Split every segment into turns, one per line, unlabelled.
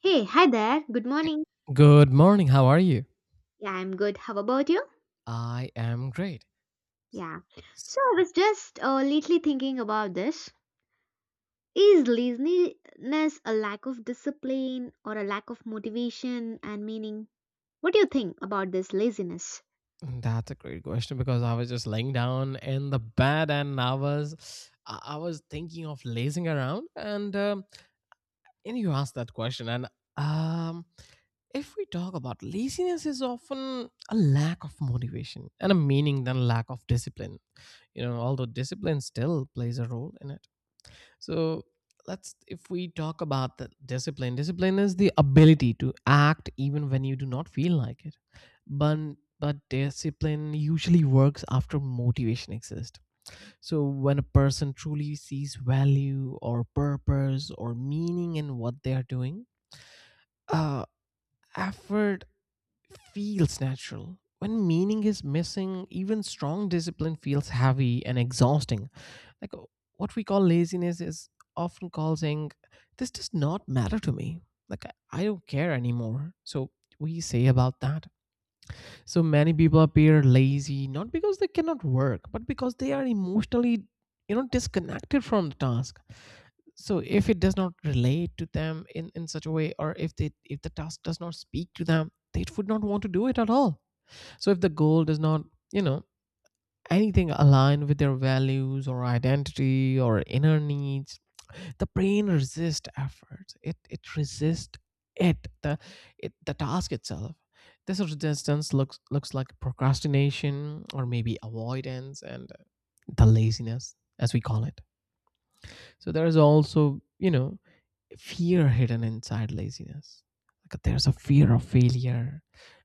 Hey, hi there. Good morning.
Good morning. How are you?
Yeah, I'm good. How about you?
I am great.
Yeah. So
S-
I was just lately thinking about this. Is laziness a lack of discipline or a lack of motivation and meaning? What do you think about this laziness?
That's a great question because I was just laying down in the bed and I was thinking of lazing around, and you asked that question. And um if we talk about laziness, is often a lack of motivation and a meaning than lack of discipline. You know, although discipline still plays a role in it. So, let's if we talk about the discipline, discipline is the ability to act even when you do not feel like it. But but discipline usually works after motivation exists. So when a person truly sees value or purpose or meaning in what they are doing, uh, effort feels natural. When meaning is missing, even strong discipline feels heavy and exhausting, like what we call laziness is often causing this does not matter to me. Like I don't care anymore. So we say about that. So many people appear lazy not because they cannot work, but because they are emotionally you know, disconnected from the task. So if it does not relate to them in such a way, or if the task does not speak to them, they would not want to do it at all. So if the goal does not you know, anything aligned with their values or identity or inner needs, the brain resists effort. It resists it the it, the task itself. This resistance looks like procrastination or maybe avoidance and the laziness, as we call it. So there is also you know fear hidden inside laziness. Like, there's a fear of failure,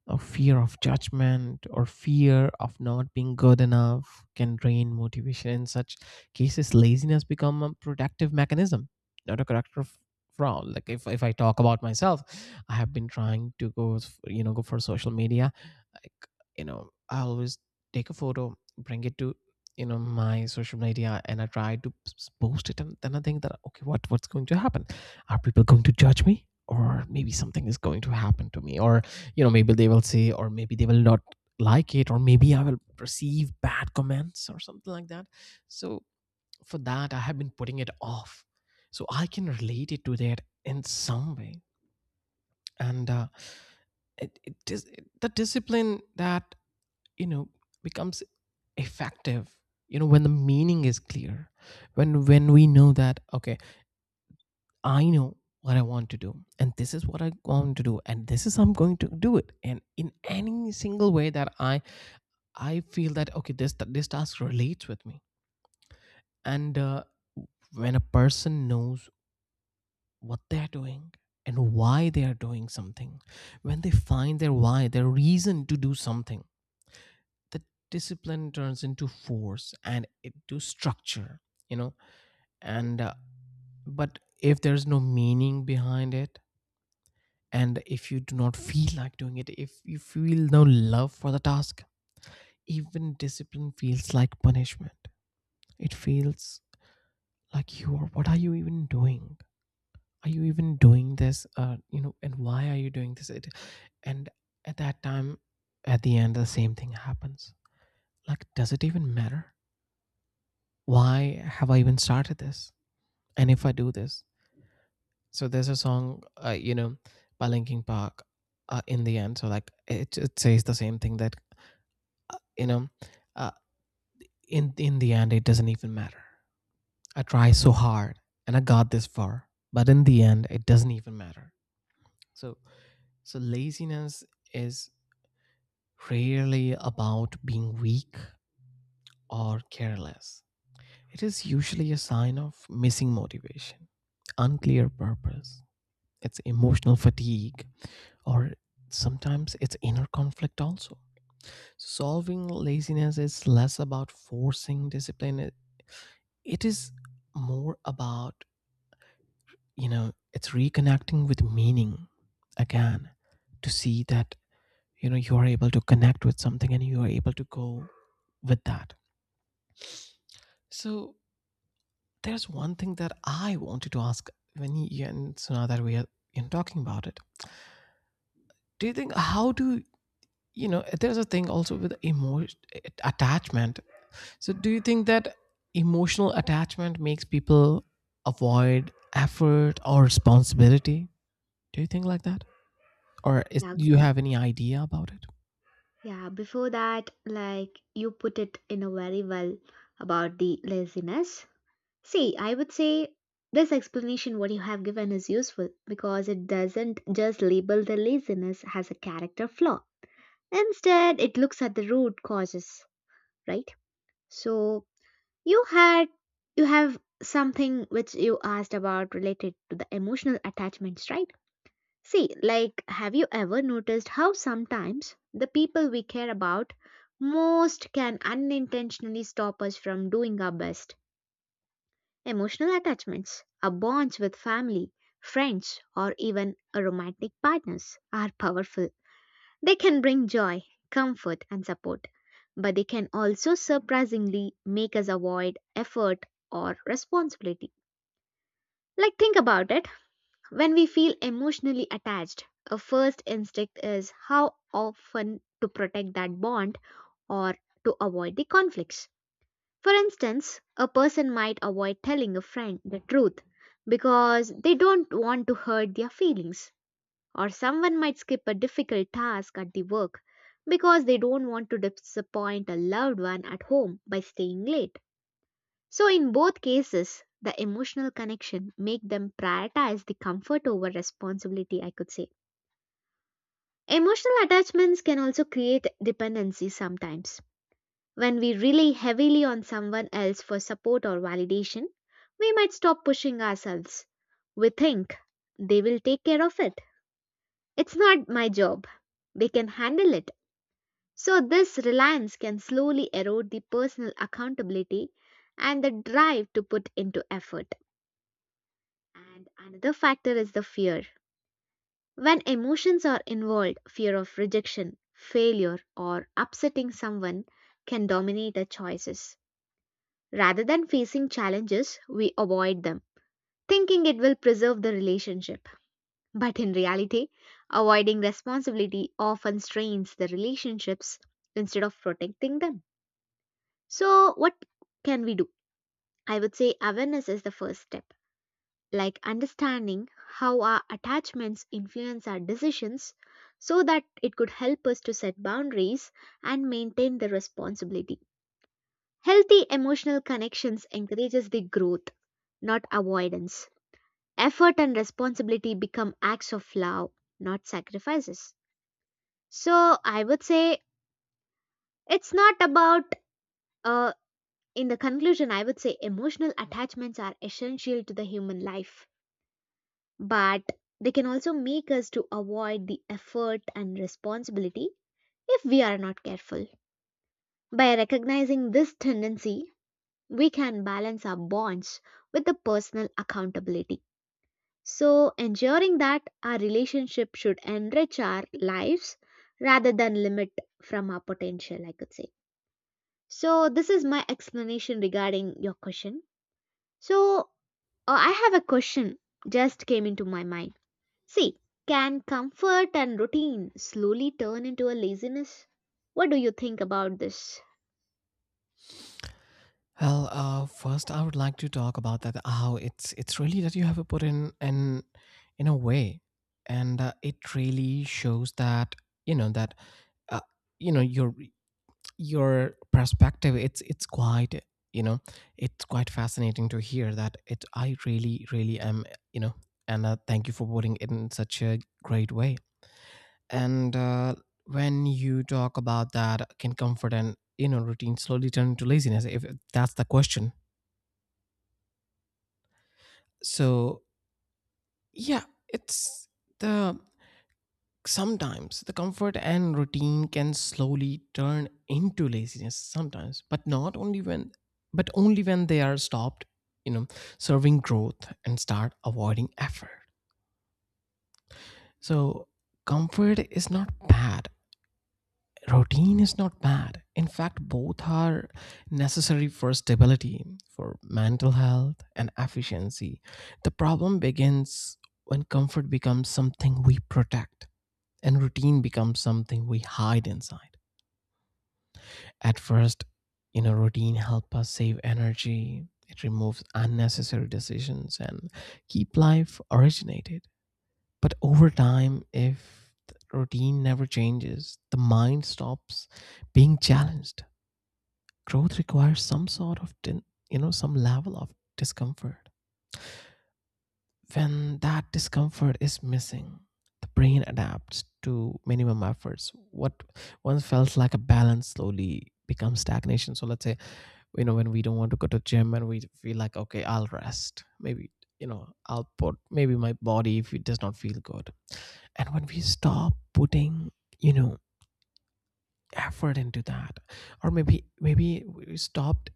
a fear of judgment, or fear of not being good enough can drain motivation. In such cases, laziness become a protective mechanism, not a character flaw. Like, if I talk about myself, I have been trying to go, you know, go for social media. Like, you know, I always take a photo, bring it to, you know, my social media, and I try to post it, and then I think that, okay, what's going to happen? Are people going to judge me, or maybe something is going to happen to me, or you know, maybe they will say, or maybe they will not like it, or maybe I will receive bad comments or something like that. So for that, I have been putting it off. So I can relate it to that in some way. And It is the discipline that, you know, becomes effective, you know, when the meaning is clear, when we know that, okay, I know what I want to do, and this is what I want to do, and this is I'm going to do it. And in any single way that I feel that, okay, this task relates with me. And when a person knows what they're doing and why they are doing something, when they find their why, their reason to do something, the discipline turns into force and into structure. You know, and but if there's no meaning behind it, and if you do not feel like doing it, if you feel no love for the task, even discipline feels like punishment. It feels like you are, what are you even doing? Are you even doing this? You know, and why are you doing this? It, and at that time, at the end, the same thing happens. Like, does it even matter? Why have I even started this? And if I do this, so there's a song, you know, by Linkin Park, "In the End." So like, it says the same thing that, you know, uh, in the end, it doesn't even matter. I try so hard, and I got this far, but in the end, it doesn't even matter. So so laziness is rarely about being weak or careless. It is usually a sign of missing motivation, unclear purpose. It's emotional fatigue, or sometimes it's inner conflict also. Solving laziness is less about forcing discipline. It is more about, you know, it's reconnecting with meaning again, to see that, you know, you are able to connect with something and you are able to go with that. So there's one thing that I wanted to ask, when you and Suna that we are, you know, talking about it. Do you think, how do you know, there's a thing also with emotion attachment. So, do you think that emotional attachment makes people avoid effort or responsibility? Do you think like that, or
Yeah, g-
do you have any idea about it?
yeah. Before that, like you put it in a very well about the laziness. See, I would say this explanation what you have given is useful because it doesn't just label the laziness as a character flaw. Instead, it looks at the root causes, right? So you had you have something which you asked about related to the emotional attachments, right? See, like have you ever noticed how sometimes the people we care about most can unintentionally stop us from doing our best? Emotional attachments, our bonds with family, friends, or even a romantic partners are powerful. They can bring joy, comfort, and support, but they can also surprisingly make us avoid effort or responsibility. Like, think about it, when we feel emotionally attached, our first instinct is how often to protect that bond or to avoid the conflicts. For instance, a person might avoid telling a friend the truth because they don't want to hurt their feelings, or someone might skip a difficult task at the work because they don't want to disappoint a loved one at home by staying late. So in both cases, the emotional connection make them prioritize the comfort over responsibility, I could say. Emotional attachments can also create dependency sometimes. When we rely heavily on someone else for support or validation, we might stop pushing ourselves. We think they will take care of it. It's not my job. They can handle it. So, this reliance can slowly erode the personal accountability and the drive to put into effort. And another factor is the fear. When emotions are involved, fear of rejection, failure, or upsetting someone can dominate our choices. Rather than facing challenges, we avoid them, thinking it will preserve the relationship. But in reality, avoiding responsibility often strains the relationships instead of protecting them. So, what can we do? I would say awareness is the first step, like understanding how our attachments influence our decisions so that it could help us to set boundaries and maintain the responsibility. Healthy emotional connections encourages the growth, not avoidance. Effort and responsibility become acts of love, not sacrifices. So, I would say it's not about uh, in the conclusion, I would say emotional attachments are essential to the human life, but they can also make us to avoid the effort and responsibility if we are not careful. By recognizing this tendency, we can balance our bonds with the personal accountability. So, ensuring that our relationship should enrich our lives rather than limit from our potential, I could say. So, this is my explanation regarding your question. So, oh, I have a question just came into my mind. See, can comfort and routine slowly turn into a laziness? What do you think about this?
Well, first I would like to talk about that how it's really that you have put in a way, and it really shows that, you know, that uh, you know, your perspective, it's quite, you know, it's quite fascinating to hear that it. I really really am, you know, and thank you for putting it in such a great way. And when you talk about that, can comfort and, you know, routine slowly turn into laziness, if that's the question? So, yeah, it's the sometimes the comfort and routine can slowly turn into laziness sometimes, but not only when but only when they are stopped, you know, serving growth and start avoiding effort. So, comfort is not bad. Routine is not bad. In fact, both are necessary for stability, for mental health and efficiency. The problem begins when comfort becomes something we protect and routine becomes something we hide inside. At first, you know, routine helps us save energy. It removes unnecessary decisions and keep life originated. But over time, if the routine never changes, the mind stops being challenged. Growth requires some sort of, you know, some level of discomfort. When that discomfort is missing, the brain adapts to minimum efforts. What once felt like a balance slowly becomes stagnation. So let's say, you know, when we don't want to go to gym and we feel like, okay, I'll rest, maybe, you know, I'll put maybe my body if it does not feel good. And when we stop putting, you know, effort into that, or maybe we stopped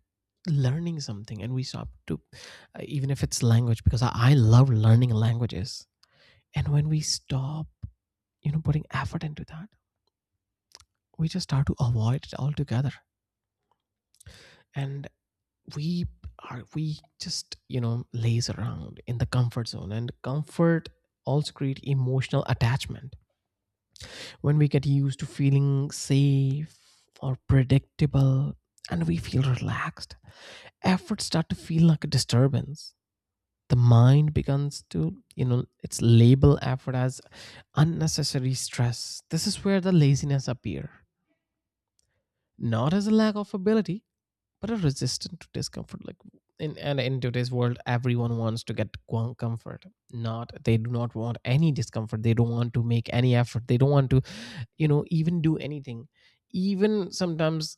learning something, and we stop to, even if it's language, because I love learning languages. And when we stop, you know, putting effort into that, we just start to avoid it altogether, and we are, we just, you know, laze around in the comfort zone. And comfort also create emotional attachment. When we get used to feeling safe or predictable, and we feel relaxed, efforts start to feel like a disturbance. The mind begins to, you know, it's label effort as unnecessary stress. This is where the laziness appear, not as a lack of ability, but are resistant to discomfort. Like, in today's world, everyone wants to get comfort. Not They do not want any discomfort. They don't want to make any effort. They don't want to, you know, even do anything. Even sometimes,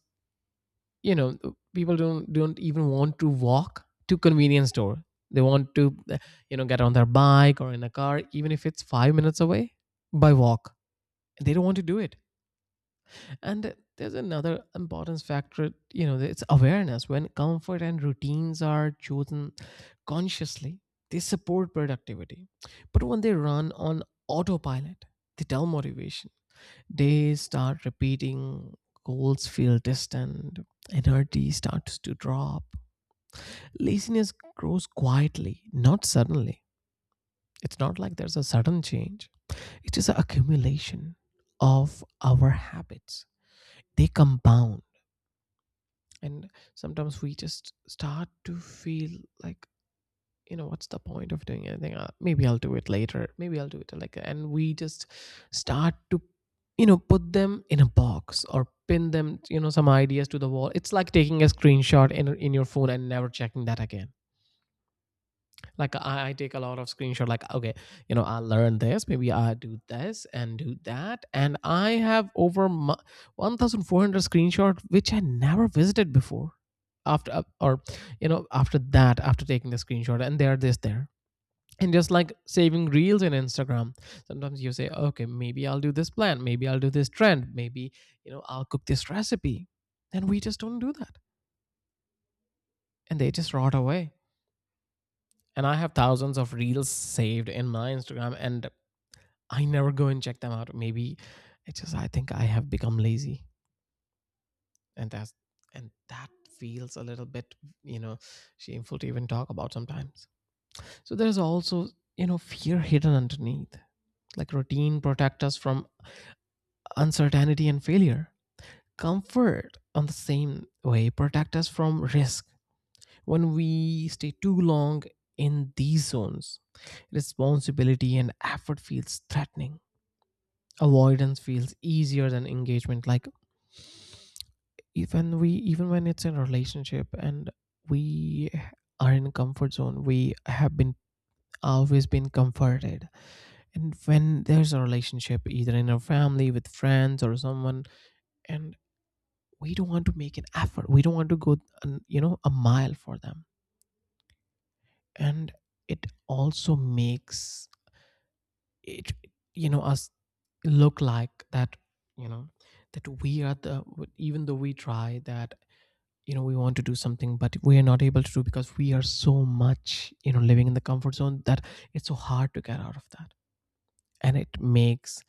you know, people don't even want to walk to convenience store. They want to, you know, get on their bike or in a car, even if it's 5 minutes away by walk. They don't want to do it. And there's another importance factor, you know, it's awareness. When comfort and routines are chosen consciously, they support productivity. But when they run on autopilot, they dull motivation. They start repeating, goals feel distant, energy starts to drop. Laziness grows quietly, not suddenly. It's not like there's a sudden change, it is an accumulation of our habits. They compound, and sometimes we just start to feel like, you know, what's the point of doing anything? Maybe I'll do it later, maybe I'll do it, like, and we just start to, you know, put them in a box or pin them, you know, some ideas to the wall. It's like taking a screenshot in your phone and never checking that again. Like, I take a lot of screenshot, like, okay, you know, I'll learn this, maybe I do this and do that, and I have over 1400 screenshot which I never visited before, after, or you know, after that, after taking the screenshot, and there this there. And just like saving reels in Instagram, sometimes you say, okay, maybe I'll do this plan, maybe I'll do this trend, maybe, you know, I'll cook this recipe, and we just don't do that, and they just rot away. And I have thousands of reels saved in my Instagram, and I never go and check them out. Maybe it's just I think I have become lazy, and that's and that feels a little bit, you know, shameful to even talk about sometimes. So there's also, you know, fear hidden underneath. Like, routine protect us from uncertainty and failure. Comfort, on the same way, protect us from risk. When we stay too long in these zones, responsibility and effort feels threatening, avoidance feels easier than engagement. Like even when it's in a relationship and we are in a comfort zone, we have been always been comforted, and when there's a relationship, either in our family, with friends or someone, and we don't want to make an effort, we don't want to go a mile for them. And it also makes it you know us look like that, you know that we are the, even though we try that, we want to do something but we are not able to do, because we are so much, living in the comfort zone that it's so hard to get out of that. And it makes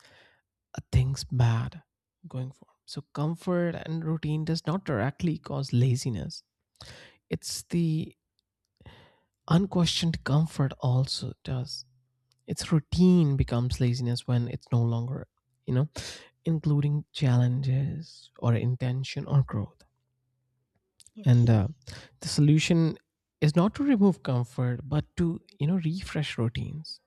things bad going forward. So comfort and routine does not directly cause laziness. It's the unquestioned comfort also does. It's routine becomes laziness when it's no longer, you know including challenges or intention or growth. And
Yes.
the solution is not to remove comfort, but to, refresh routines.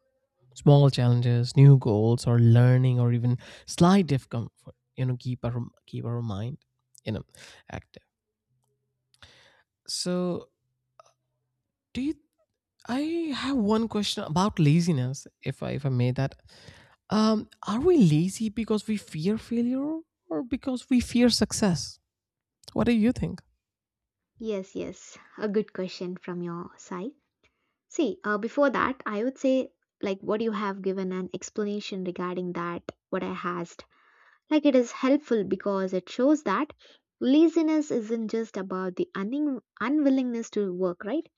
Small challenges, new goals, or learning, or even slight discomfort, you know, keep our mind, you know active. So, do you? I have one question about laziness, if I may, that, are we lazy because we fear failure, or because we fear success? What do you think?
Yes. A good question from your side. See, before that, I would say, like, what you have given an explanation regarding that, what I asked. Like, it is helpful because it shows that laziness isn't just about the unwillingness to work, right?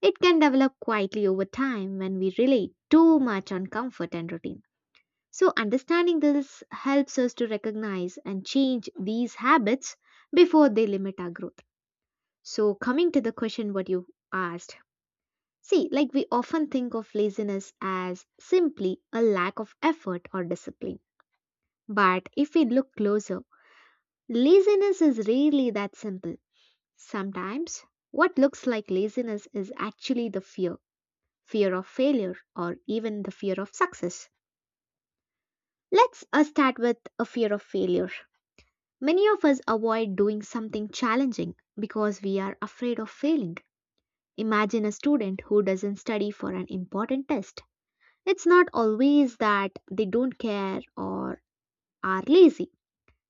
It can develop quietly over time when we rely too much on comfort and routine. So, understanding this helps us to recognize and change these habits before they limit our growth. So, coming to the question what you asked, see, like we often think of laziness as simply a lack of effort or discipline. But if we look closer, laziness is rarely that simple. Sometimes, what looks like laziness is actually the fear of failure, or even the fear of success. Let's start with a fear of failure. Many of us avoid doing something challenging because we are afraid of failing. Imagine a student who doesn't study for an important test. It's not always that they don't care or are lazy.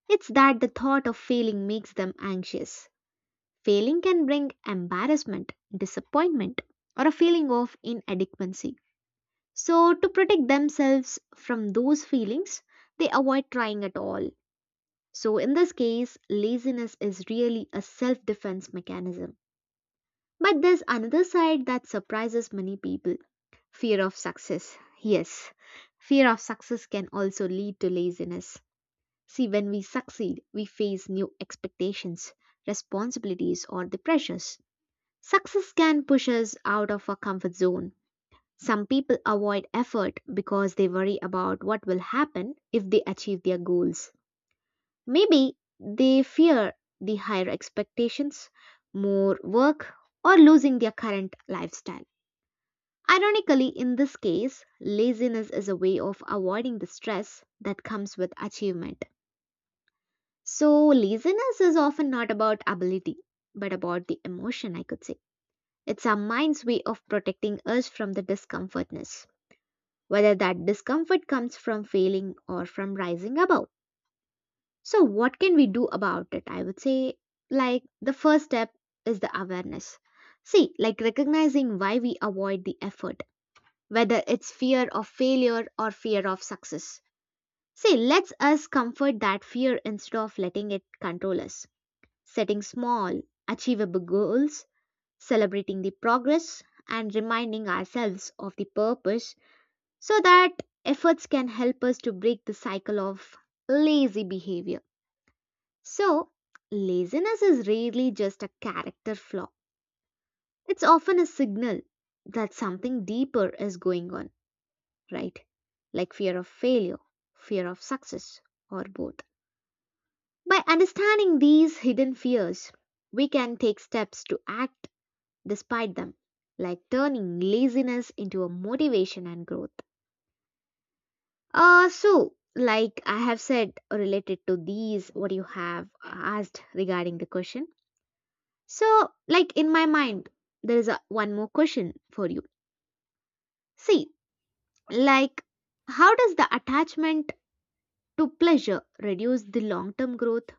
It's that the thought of failing makes them anxious. Failing can bring embarrassment, disappointment, or a feeling of inadequacy. So, to protect themselves from those feelings, they avoid trying at all. So, in this case, laziness is really a self defense mechanism. But there's another side that surprises many people, fear of success. Yes, fear of success can also lead to laziness. See, when we succeed, we face new expectations, responsibilities, or the pressures. Success can push us out of our comfort zone. Some people avoid effort because they worry about what will happen if they achieve their goals. Maybe they fear the higher expectations, more work, or losing their current lifestyle. Ironically, in this case, laziness is a way of avoiding the stress that comes with achievement. So, laziness is often not about ability, but about the emotion, I could say. It's our mind's way of protecting us from the discomfortness, whether that discomfort comes from failing or from rising above. So, what can we do about it? I would say, like, the first step is the awareness. See, like recognizing why we avoid the effort, whether it's fear of failure or fear of success. See, let's us comfort that fear instead of letting it control us. Setting small, achievable goals, celebrating the progress, and reminding ourselves of the purpose so that efforts can help us to break the cycle of lazy behavior. So, laziness is rarely just a character flaw, it's often a signal that something deeper is going on, right? Like fear of failure, fear of success, or both. By understanding these hidden fears, we can take steps to act despite them, like turning laziness into a motivation and growth. So, like I have said, related to these, what you have asked regarding the question. So, like in my mind, there is a, one more question for you. See, like, how does the attachment to pleasure reduce the long-term growth?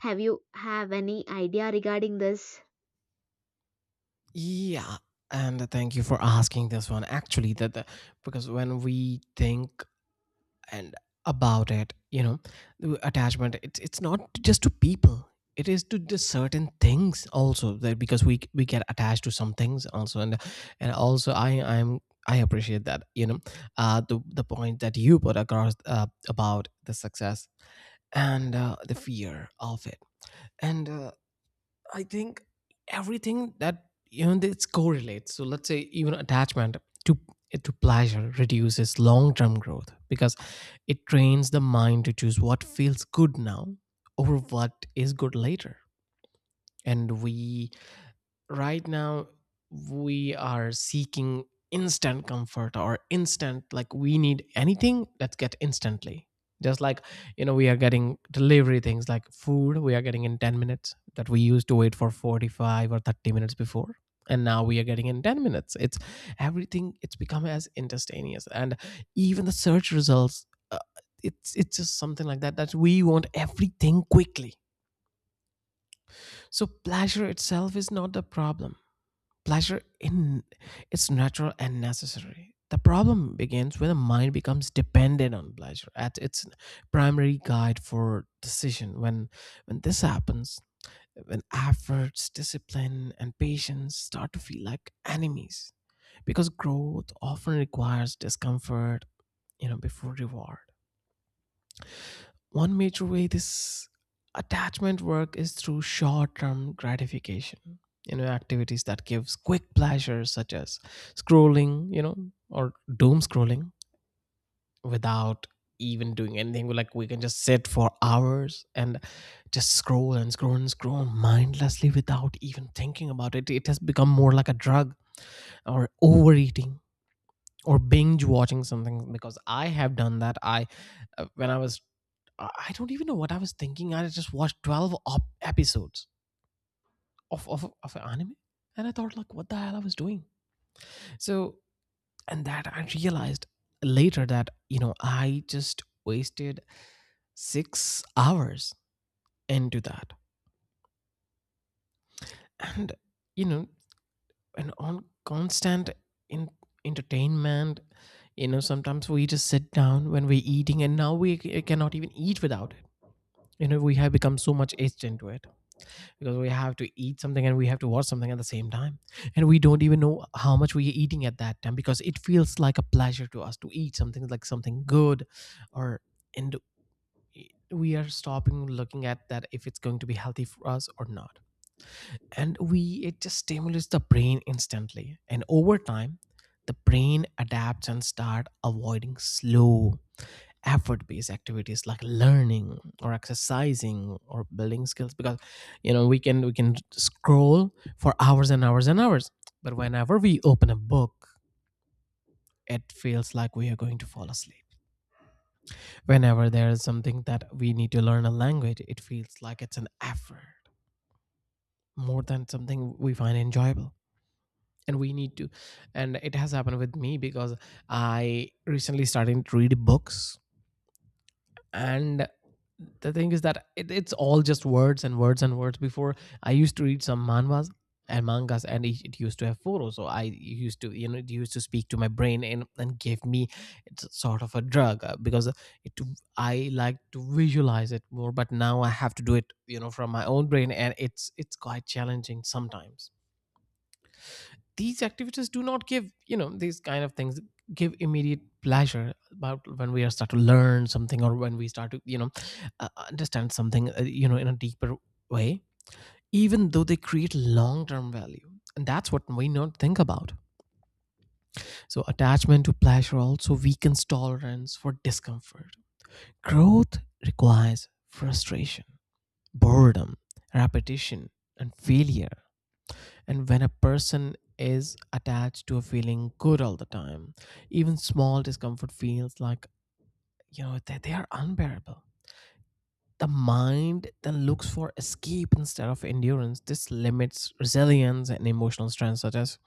Have you have any idea regarding this?
Yeah, and thank you for asking this one. Actually, because when we think and about it, you know, the attachment, it's not just to people, it is to the certain things also, that because we get attached to some things also. And also I appreciate that, you know, the point that you put across, about the success, and the fear of it, and I think everything that, you know, it's correlates. So let's say even attachment to to pleasure reduces long-term growth, because it trains the mind to choose what feels good now over what is good later. And we, right now, we are seeking instant comfort or instant, like, we need anything, let's get instantly. Just like, you know, we are getting delivery things like food, we are getting in 10 minutes, that we used to wait for 45 or 30 minutes before, and now we are getting in 10 minutes. It's, everything, it's become as instantaneous. And even the search results, it's just something like that, that we want everything quickly. So pleasure itself is not the problem. Pleasure in, it's natural and necessary. The problem begins when the mind becomes dependent on pleasure as its primary guide for decision. When this happens, when efforts, discipline and patience start to feel like enemies, because growth often requires discomfort, you know, before reward. One major way this attachment work is through short-term gratification. You know, activities that gives quick pleasures, such as scrolling, you know, or doom scrolling without even doing anything. Like, we can just sit for hours and just scroll and scroll and scroll mindlessly without even thinking about it. It has become more like a drug, or overeating, or binge watching something. Because I have done that. I when I was, I don't even know what I was thinking. I just watched 12 episodes of an anime. And I thought, like, what the hell I was doing? So, and that I realized later that, you know, I just wasted 6 hours into that. And, you know, and on constant in- entertainment, you know, sometimes we just sit down when we're eating and now we cannot even eat without it. You know, we have become so much aged into it. Because we have to eat something and we have to watch something at the same time, and we don't even know how much we are eating at that time, because it feels like a pleasure to us to eat something, like something good. Or, and, we are stopping looking at that if it's going to be healthy for us or not. And we it just stimulates the brain instantly, and over time the brain adapts and start avoiding slow effort based activities like learning or exercising or building skills. Because, you know, we can scroll for hours and hours and hours, but whenever we open a book, it feels like we are going to fall asleep. Whenever there is something that we need to learn a language, it feels like it's an effort more than something we find enjoyable. And we need to, and it has happened with me, because I recently started to read books. And the thing is that it's all just words and words and words. Before, I used to read some manhwas and mangas, and it used to have photos, so I used to, you know, it used to speak to my brain and, gave me, it's sort of a drug, because it I like to visualize it more. But now I have to do it, you know, from my own brain, and it's quite challenging sometimes. These activities do not give, you know, these kind of things give immediate pleasure. About when we are start to learn something, or when we start to, you know, understand something, you know, in a deeper way, even though they create long term value. And that's what we not think about. So attachment to pleasure also weakens tolerance for discomfort. Growth requires frustration, boredom, repetition, and failure. And when a person is attached to a feeling good all the time, even small discomfort feels like, you know, that they are unbearable. The mind then looks for escape instead of endurance. This limits resilience and emotional strength. Such as,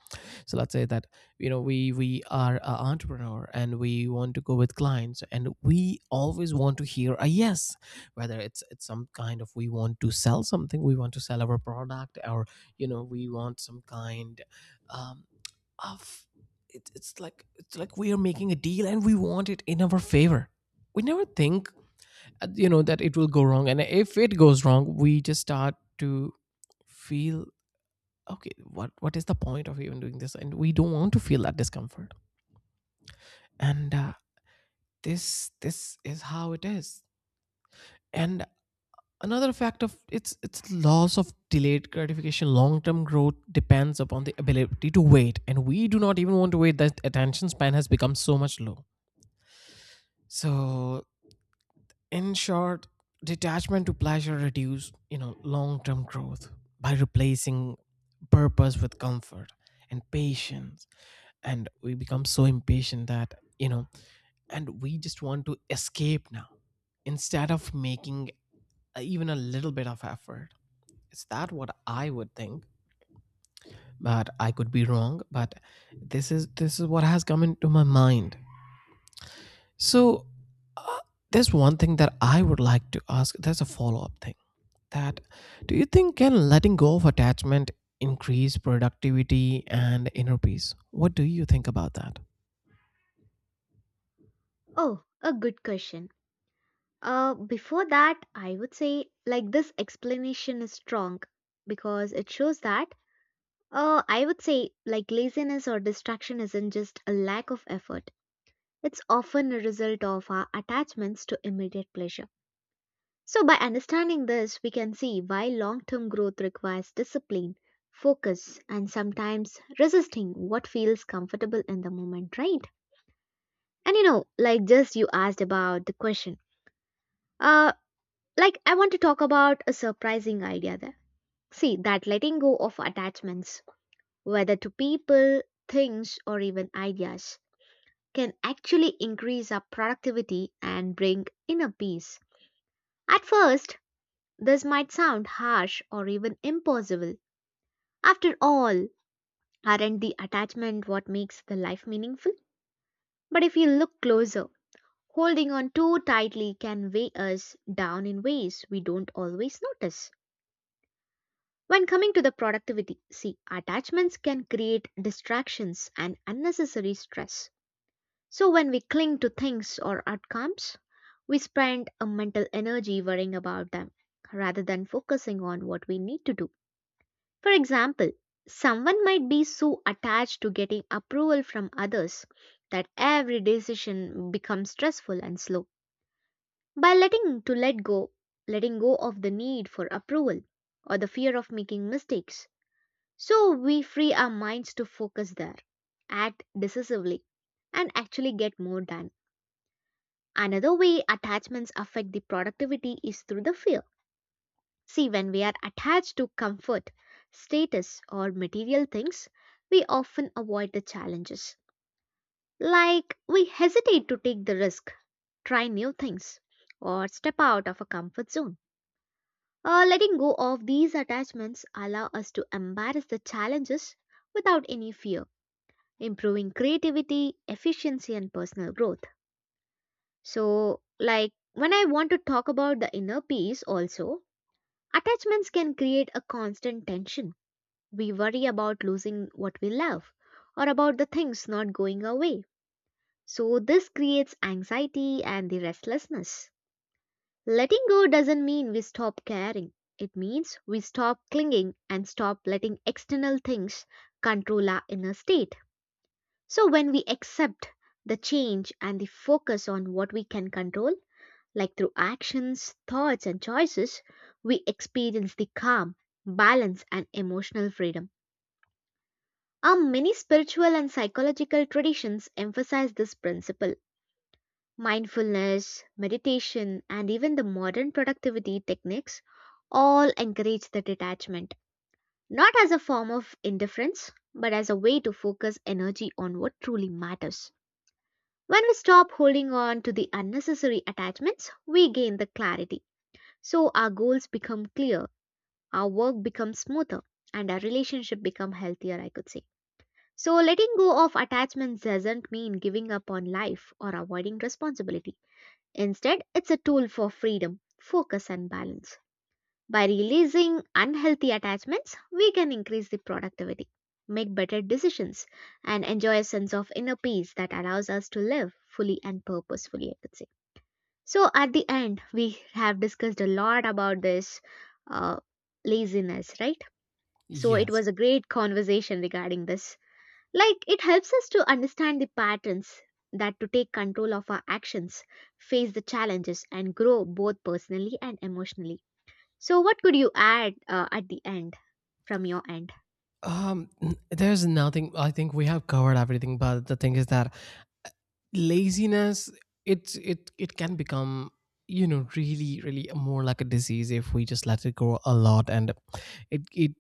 so, let's say that, you know, we are an entrepreneur and we want to go with clients and we always want to hear a yes. Whether it's some kind of, we want to sell something, we want to sell our product, or, you know, we want some kind, um, of, it's like, it's like we are making a deal and we want it in our favor. We never think, you know, that it will go wrong. And if it goes wrong, we just start to feel, okay, what is the point of even doing this? And we don't want to feel that discomfort. And this is how it is. And another fact of, it's loss of delayed gratification. Long term growth depends upon the ability to wait, and we do not even want to wait. That attention span has become so much low. So, in short, detachment to pleasure reduce you know, long term growth, by replacing purpose with comfort and patience. And we become so impatient that, you know, and we just want to escape now, instead of making even a little bit of effort. Is that what I would think? But I could be wrong. But this is what has come into my mind. So, uh, there's one thing that I would like to ask, there's a follow-up thing, that, do you think, can letting go of attachment increase productivity and inner peace? What do you think about that?
Oh, a good question. Before that, I would say like this explanation is strong because it shows that I would say like laziness or distraction isn't just a lack of effort. It's often a result of our attachments to immediate pleasure. So by understanding this, we can see why long-term growth requires discipline, focus, and sometimes resisting what feels comfortable in the moment, right? And you know, like just you asked about the question. Uh, like I want to talk about a surprising idea there. See, that letting go of attachments, whether to people, things, or even ideas, can actually increase our productivity and bring inner peace. At first, this might sound harsh or even impossible. After all, aren't the attachment what makes the life meaningful? But if you look closer, holding on too tightly can weigh us down in ways we don't always notice. When coming to the productivity, see, attachments can create distractions and unnecessary stress. So when we cling to things or outcomes, we spend a mental energy worrying about them rather than focusing on what we need to do. For example, someone might be so attached to getting approval from others that every decision becomes stressful and slow. By letting to let go, letting go of the need for approval or the fear of making mistakes, so we free our minds to focus there, act decisively, and actually get more done. Another way attachments affect the productivity is through the fear. See, when we are attached to comfort, status, or material things, we often avoid the challenges. Like we hesitate to take the risk, try new things, or step out of a comfort zone. Letting go of these attachments allow us to embrace the challenges without any fear, improving creativity, efficiency, and personal growth. So, like when I want to talk about the inner peace, also, attachments can create a constant tension. We worry about losing what we love or about the things not going away. So, this creates anxiety and the restlessness. Letting go doesn't mean we stop caring, it means we stop clinging and stop letting external things control our inner state. So, when we accept the change and the focus on what we can control, like through actions, thoughts, and choices, we experience the calm, balance, and emotional freedom. Our many spiritual and psychological traditions emphasize this principle. Mindfulness, meditation, and even the modern productivity techniques all encourage the detachment, not as a form of indifference, but as a way to focus energy on what truly matters. When we stop holding on to the unnecessary attachments, we gain the clarity. So our goals become clear, our work becomes smoother, and our relationship become healthier, I could say. So letting go of attachments doesn't mean giving up on life or avoiding responsibility. Instead, it's a tool for freedom, focus and balance. By releasing unhealthy attachments, we can increase the productivity, make better decisions, and enjoy a sense of inner peace that allows us to live fully and purposefully, I could say. So at the end, we have discussed a lot about this uh, laziness, right? So it
Yes.
was a great conversation regarding this. Like it helps us to understand the patterns that to take control of our actions, face the challenges, and grow both personally and emotionally. So what could you add at the end from your end?
There's nothing. I think we have covered everything. But the thing is that laziness, it it can become, you know, really, really more like a disease if we just let it grow a lot. And it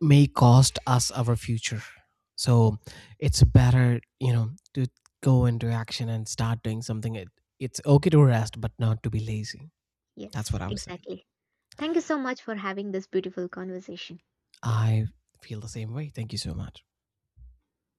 may cost us our future. So
Yes,
it's better, you know, to go into action and start doing something. It, it's okay to rest but not to be lazy. That's
yes,
what I was saying.
exactly. Thank you so much for having this beautiful conversation.
I feel the same way. Thank you so much.